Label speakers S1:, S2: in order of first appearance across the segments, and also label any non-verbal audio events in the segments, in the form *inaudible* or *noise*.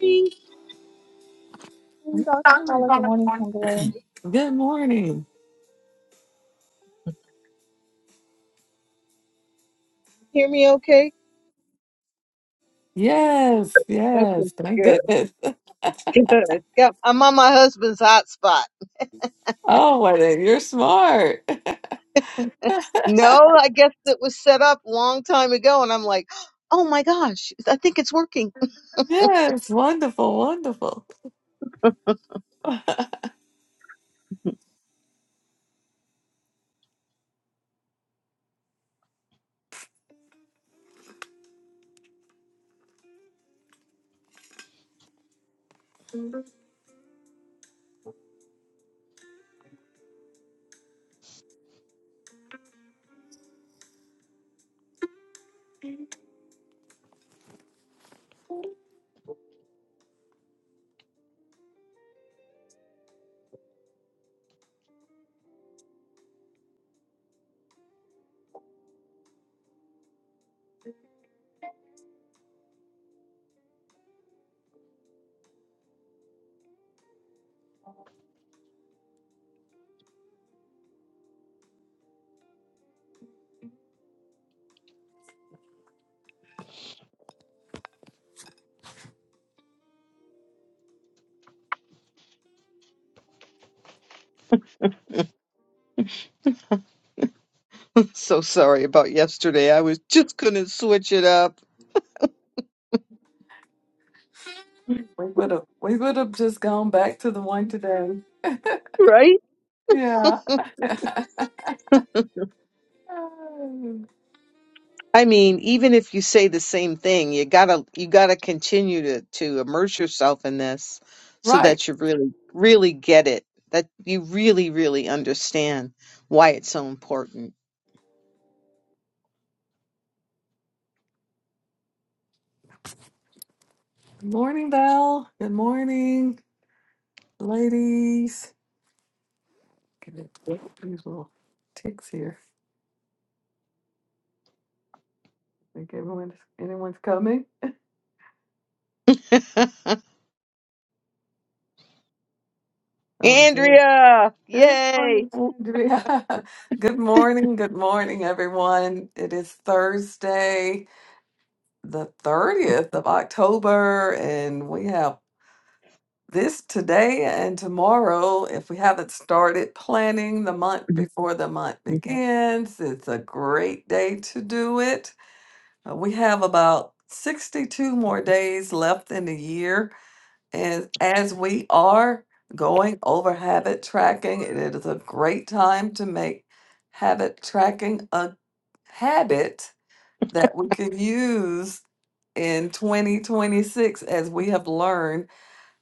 S1: me?
S2: morning, Dr. Carla. Good morning, Kimberly.
S3: Good morning.
S1: Hear me okay?
S3: Yes,
S1: Okay,
S3: yes. Thank
S1: good. *laughs*
S3: goodness. *laughs*
S1: Good. Yep, I'm on my husband's hotspot.
S3: Oh, what a- you're smart. *laughs*
S1: *laughs* No, I guess it was set up a long time ago, and I'm like, oh my gosh, I think it's working.
S3: Yes, wonderful, wonderful.
S1: *laughs* so sorry about yesterday. I was just gonna switch it up.
S3: We would have we would have just gone back to the one today.
S1: Right?
S3: Yeah.
S1: I mean, even if you say the same thing, you gotta you gotta continue to to immerse yourself in this so
S3: Right.
S1: that you really really get it. That you really really understand why it's so important.
S3: Good morning, Val. Good morning, ladies. Give it these little ticks here. Think everyone anyone's coming?
S1: *laughs*
S3: Oh, I did.
S1: Andrea,
S3: Good
S1: yay.
S3: morning, Andrea. *laughs* Good morning, good morning, everyone. It is Thursday, the 30th of October, and we have this today and tomorrow. If we haven't started planning the month before the month begins, it's a great day to do it. Uh, We have about 62 more days left in the year. And as we are going over habit tracking, it is a great time to make habit tracking a habit that we can use in 2026 as we have learned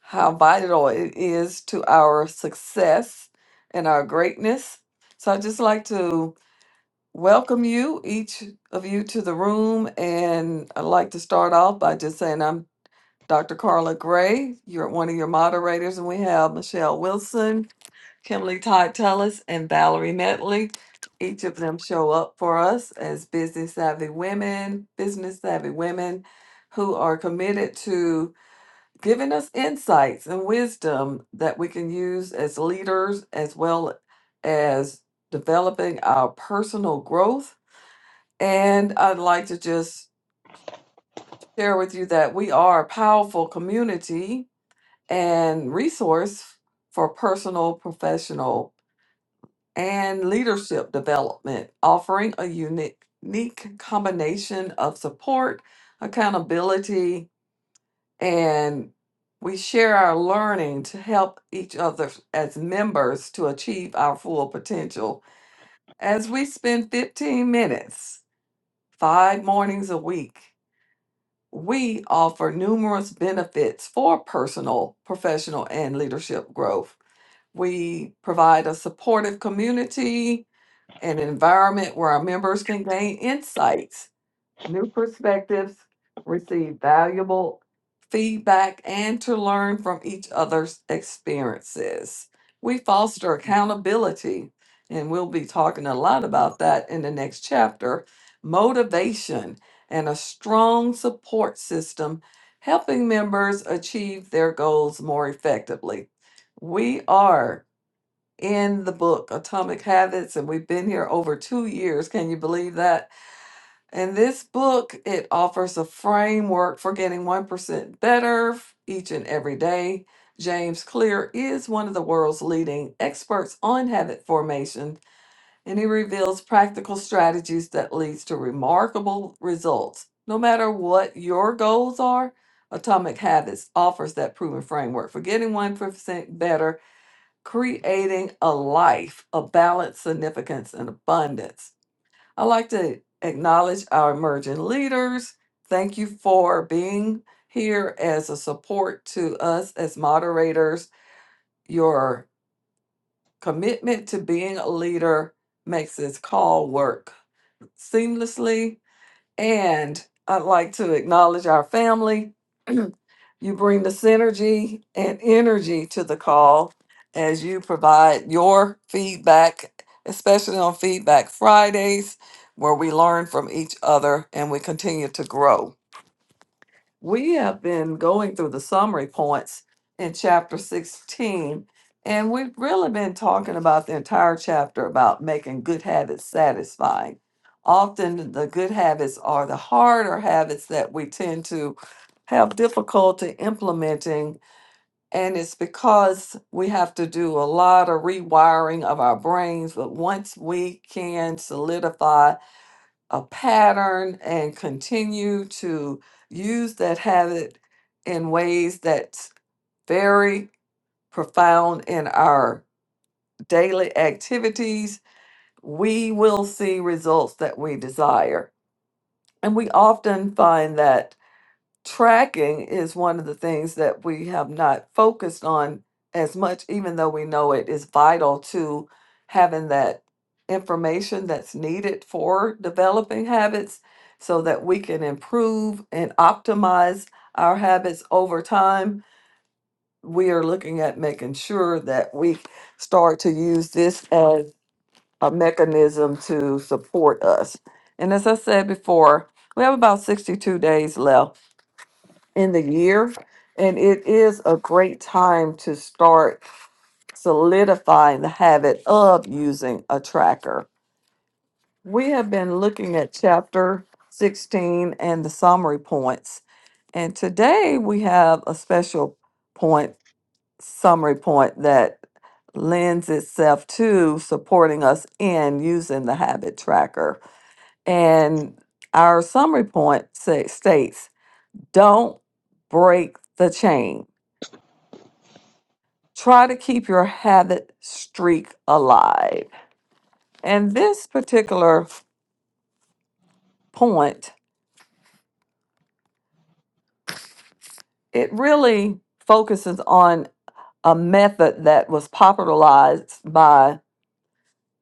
S3: how vital it is to our success and our greatness. So I'd just like to welcome you, each of you, to the room. And I'd like to start off by just saying I'm Dr. Carla Gray, you're one of your moderators, and we have Michelle Wilson, Kimberly Todd Tellis, and Valerie Metley. Each of them show up for us as business savvy women, business savvy women who are committed to giving us insights and wisdom that we can use as leaders as well as developing our personal growth. And I'd like to just share with you that we are a powerful community and resource for personal, professional, and leadership development, offering a unique unique combination of support, accountability, and we share our learning to help each other as members to achieve our full potential. As we spend 15 minutes, five mornings a week, we offer numerous benefits for personal, professional, and leadership growth. We provide a supportive community and environment where our members can gain insights, new perspectives, receive valuable feedback, and to learn from each other's experiences. We foster accountability, and we'll be talking a lot about that in the next chapter. Motivation and a strong support system, helping members achieve their goals more effectively. We are in the book Atomic Habits, and we've been here over two years. Can you believe that? In this book, it offers a framework for getting 1% better each and every day. James Clear is one of the world's leading experts on habit formation, and he reveals practical strategies that leads to remarkable results. No matter what your goals are, Atomic Habits offers that proven framework for getting 1% better creating a life of balance, significance, and abundance. I'd like to acknowledge our emerging leaders. Thank you for being here as a support to us as moderators. Your commitment to being a leader makes this call work seamlessly. And I'd like to acknowledge our family. *clears throat* You bring the synergy and energy to the call as you provide your feedback, especially on Feedback Fridays, where we learn from each other and we continue to grow. We have been going through the summary points in chapter 16, and we've really been talking about the entire chapter about making good habits satisfying. Often, the good habits are the harder habits that we tend to have difficulty implementing, and it's because we have to do a lot of rewiring of our brains. But once we can solidify a pattern and continue to use that habit in ways that's very profound in our daily activities, we will see results that we desire. And we often find that tracking is one of the things that we have not focused on as much, even though we know it is vital to having that information that's needed for developing habits so that we can improve and optimize our habits over time. We are looking at making sure that we start to use this as a mechanism to support us. And as I said before, we have about 62 days left in the year. And it is a great time to start solidifying the habit of using a tracker. We have been looking at chapter 16 and the summary points. And today we have a special point, summary point that lends itself to supporting us in using the habit tracker. And our summary point say, states don't break the chain Try to keep your habit streak alive. And this particular point, it really focuses on a method that was popularized by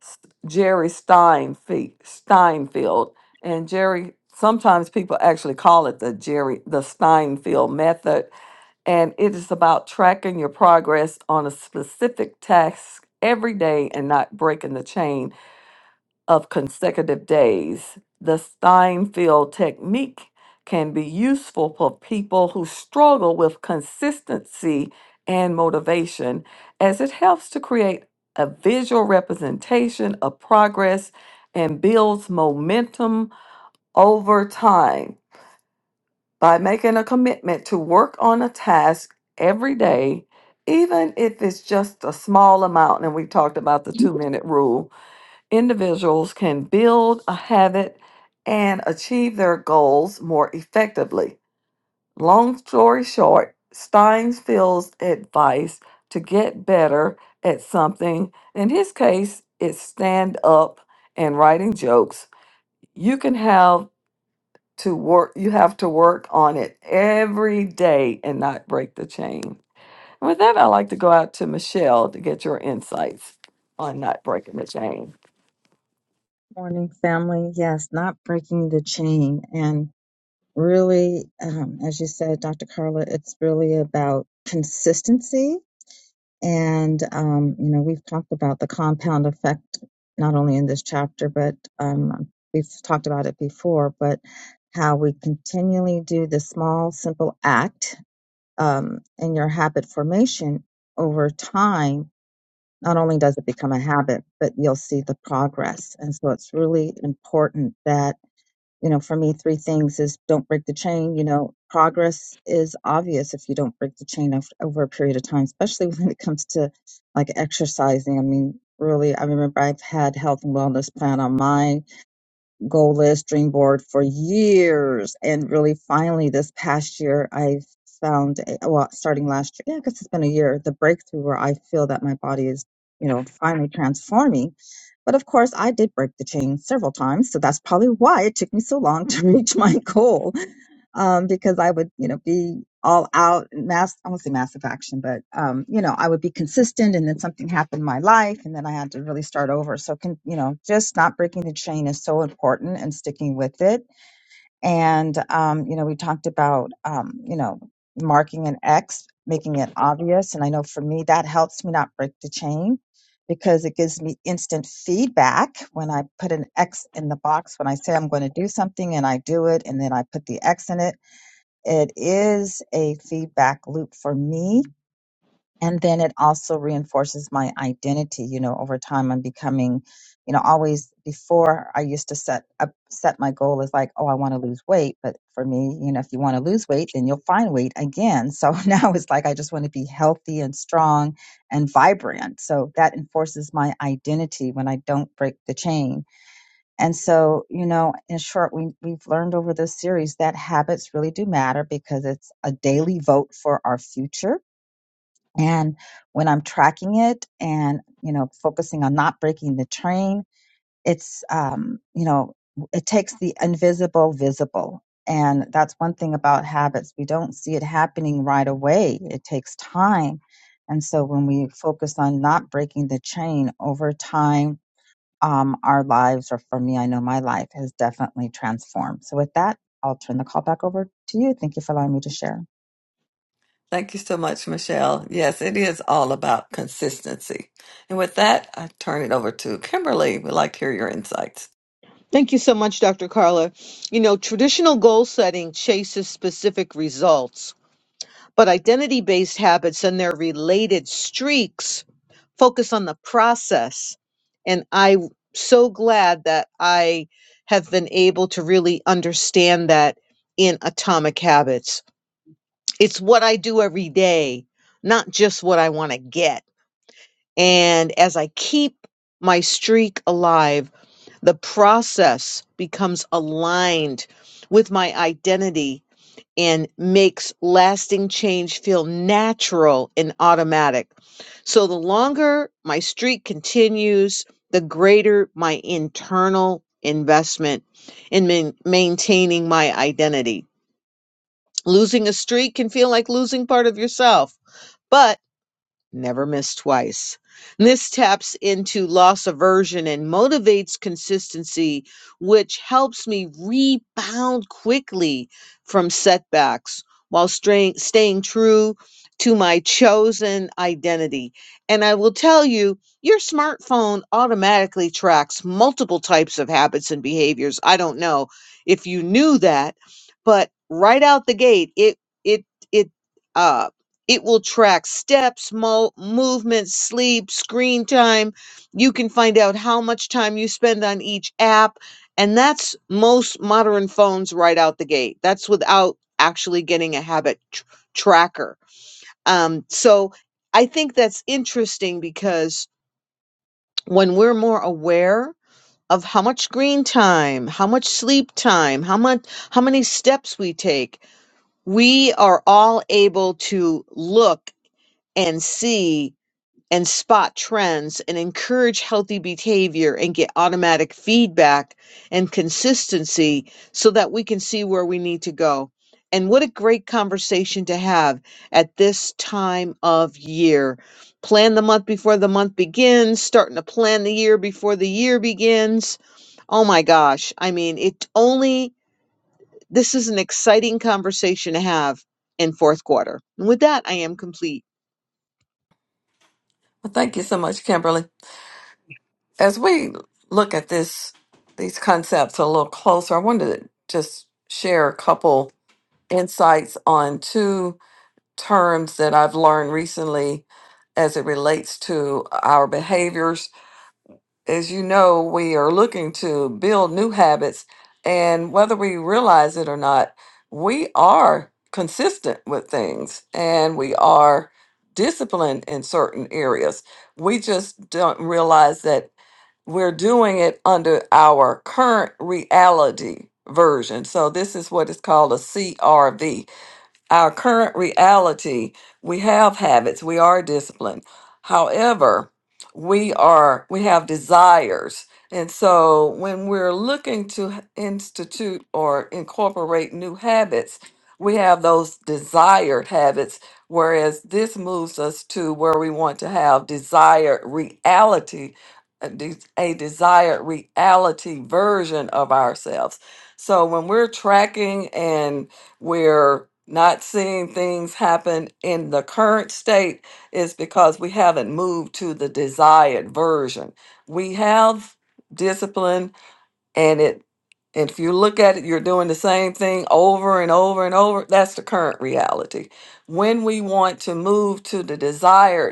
S3: S- Jerry Steinfe- Steinfeld. And Jerry, sometimes people actually call it the Jerry, the Steinfeld method and it is about tracking your progress on a specific task every day and not breaking the chain of consecutive days. The Steinfeld technique can be useful for people who struggle with consistency and motivation, as it helps to create a visual representation of progress and builds momentum over time. By making a commitment to work on a task every day, even if it's just a small amount, and we talked about the two minute rule, individuals can build a habit and achieve their goals more effectively. Long story short, Steins advice to get better at something. In his case, it's stand up and writing jokes. You can have to work you have to work on it every day and not break the chain. And with that, I'd like to go out to Michelle to get your insights on not breaking the chain.
S2: Morning, family. Yes, not breaking the chain. And really, um, as you said, Dr. Carla, it's really about consistency. And, um, you know, we've talked about the compound effect, not only in this chapter, but um, we've talked about it before, but how we continually do the small, simple act um, in your habit formation over time not only does it become a habit, but you'll see the progress. And so it's really important that, you know, for me, three things is don't break the chain. You know, progress is obvious if you don't break the chain of, over a period of time, especially *laughs* when it comes to like exercising. I mean, really, I remember I've had health and wellness plan on my goal list, dream board for years. And really, finally, this past year, I found, a- well, starting last year, yeah, because it's been a year, the breakthrough where I feel that my body is, you know, finally transforming. But of course, I did break the chain several times. So that's probably why it took me so long to *laughs* reach my goal um, because I would, you know, be all out and mass, I won't say massive action, but, um, you know, I would be consistent and then something happened in my life and then I had to really start over. So can, you know, just not breaking the chain is so important and sticking with it. And, um, you know, we talked about, um, you know, marking an X, making it obvious. And I know for me, that helps me not break the chain because it gives me instant feedback when I put an X in the box when I say I'm going to do something and I do it and then I put the X in it it is a feedback loop for me. And then it also reinforces my identity. You know, over time, I'm becoming, you know, always before I used to set up, set my goal as like, oh, I want to lose weight. But for me, you know, if you want to lose weight, then you'll find weight again. So *laughs* now it's like, I just want to be healthy and strong and vibrant. So that enforces my identity when I don't break the chain and so, you know, in short, we, we've learned over this series that habits really do matter because it's a daily vote for our future. And when I'm tracking it and, you know, focusing on not breaking the train, it's, um, you know, it takes the invisible visible. And that's one thing about habits. We don't see it happening right away. It takes time. And so when we focus on not breaking the chain over time, um, our lives, or for me, I know my life has definitely transformed. So, with that, I'll turn the call back over to you. Thank you for allowing me to share.
S3: Thank you so much, Michelle. Yes, it is all about consistency. And with that, I turn it over to Kimberly. We'd like to hear your insights.
S1: Thank you so much, Dr. Carla. You know, traditional goal setting chases specific results, but identity based habits and their related streaks focus on the process. And I'm so glad that I have been able to really understand that in Atomic Habits. It's what I do every day, not just what I want to get. And as I keep my streak alive, The process becomes aligned with my identity and makes lasting change feel natural and automatic. So the longer my streak continues, the greater my internal investment in main- maintaining my identity. Losing a streak can feel like losing part of yourself, but Never miss twice. And This taps into loss aversion and motivates consistency, which helps me rebound quickly from setbacks while straying, staying true to my chosen identity. And I will tell you, your smartphone automatically tracks multiple types of habits and behaviors. I don't know if you knew that, but right out the gate, it it it uh. It will track steps, mo- movement, sleep, screen time. You can find out how much time you spend on each app. And that's most modern phones right out the gate. That's without actually getting a habit tr- tracker. Um, so I think that's interesting because when we're more aware of how much screen time, how much sleep time, how much how many steps we take, we are all able to look and see and spot trends and encourage healthy behavior and get automatic feedback and consistency so that we can see where we need to go. And what a great conversation to have at this time of year. Plan the month before the month begins, starting to plan the year before the year begins. Oh my gosh. I mean, it only, this is an exciting conversation to have in fourth quarter. And with that, I am complete.
S3: Well, thank you so much, Kimberly. As we look at this, these concepts a little closer, I wanted to just share a couple insights on two terms that I've learned recently as it relates to our behaviors as you know, we are looking to build new habits. And whether we realize it or not, we are consistent with things and we are disciplined in certain areas. We just don't realize that we're doing it under our current reality version. So, this is what is called a CRV our current reality, we have habits, we are disciplined. However, we are we have desires. And so when we're looking to h- institute or incorporate new habits, we have those desired habits whereas this moves us to where we want to have desired reality a de- a desired reality version of ourselves. So when we're tracking we're not seeing things happen in the current state is because we haven't moved to the desired version. We have discipline and it if you look at it you're doing the same thing over and over and over that's the current reality. When we want to move to the desired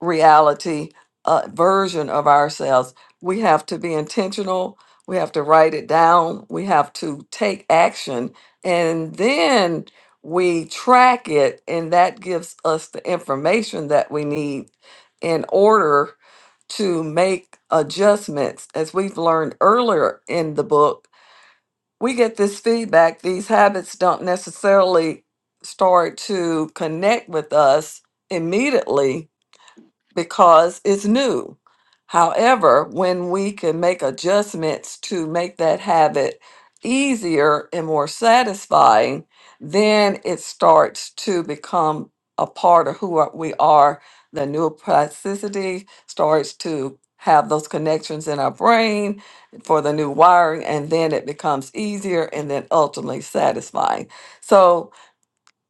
S3: reality uh, version of ourselves. We have to be intentional. We have to write it down. We have to take action. And then we track it, and that gives us the information that we need in order to make adjustments. As we've learned earlier in the book, we get this feedback. These habits don't necessarily start to connect with us immediately because it's new. However, when we can make adjustments to make that habit easier and more satisfying, then it starts to become a part of who are- we are. The neuroplasticity starts to have those connections in our brain for the new wiring, and then it becomes easier and then ultimately satisfying. So,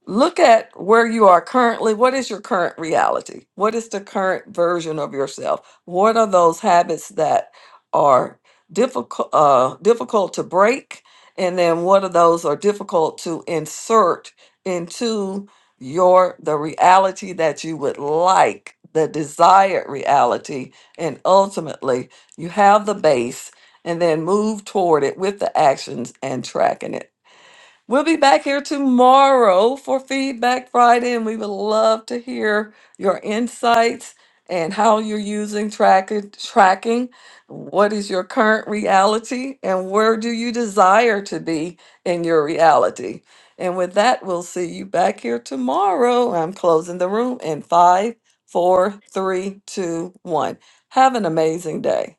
S3: look at where you are currently. What is your current reality? What is the current version of yourself? What are those habits that are difficult uh, difficult to break? And then what are those are difficult to insert into your the reality that you would like, the desired reality, and ultimately you have the base and then move toward it with the actions and tracking it. We'll be back here tomorrow for Feedback Friday, and we would love to hear your insights and how you're using tracking. Tracking. What is your current reality, and where do you desire to be in your reality? And with that, we'll see you back here tomorrow. I'm closing the room in five, four, three, two, one. Have an amazing day.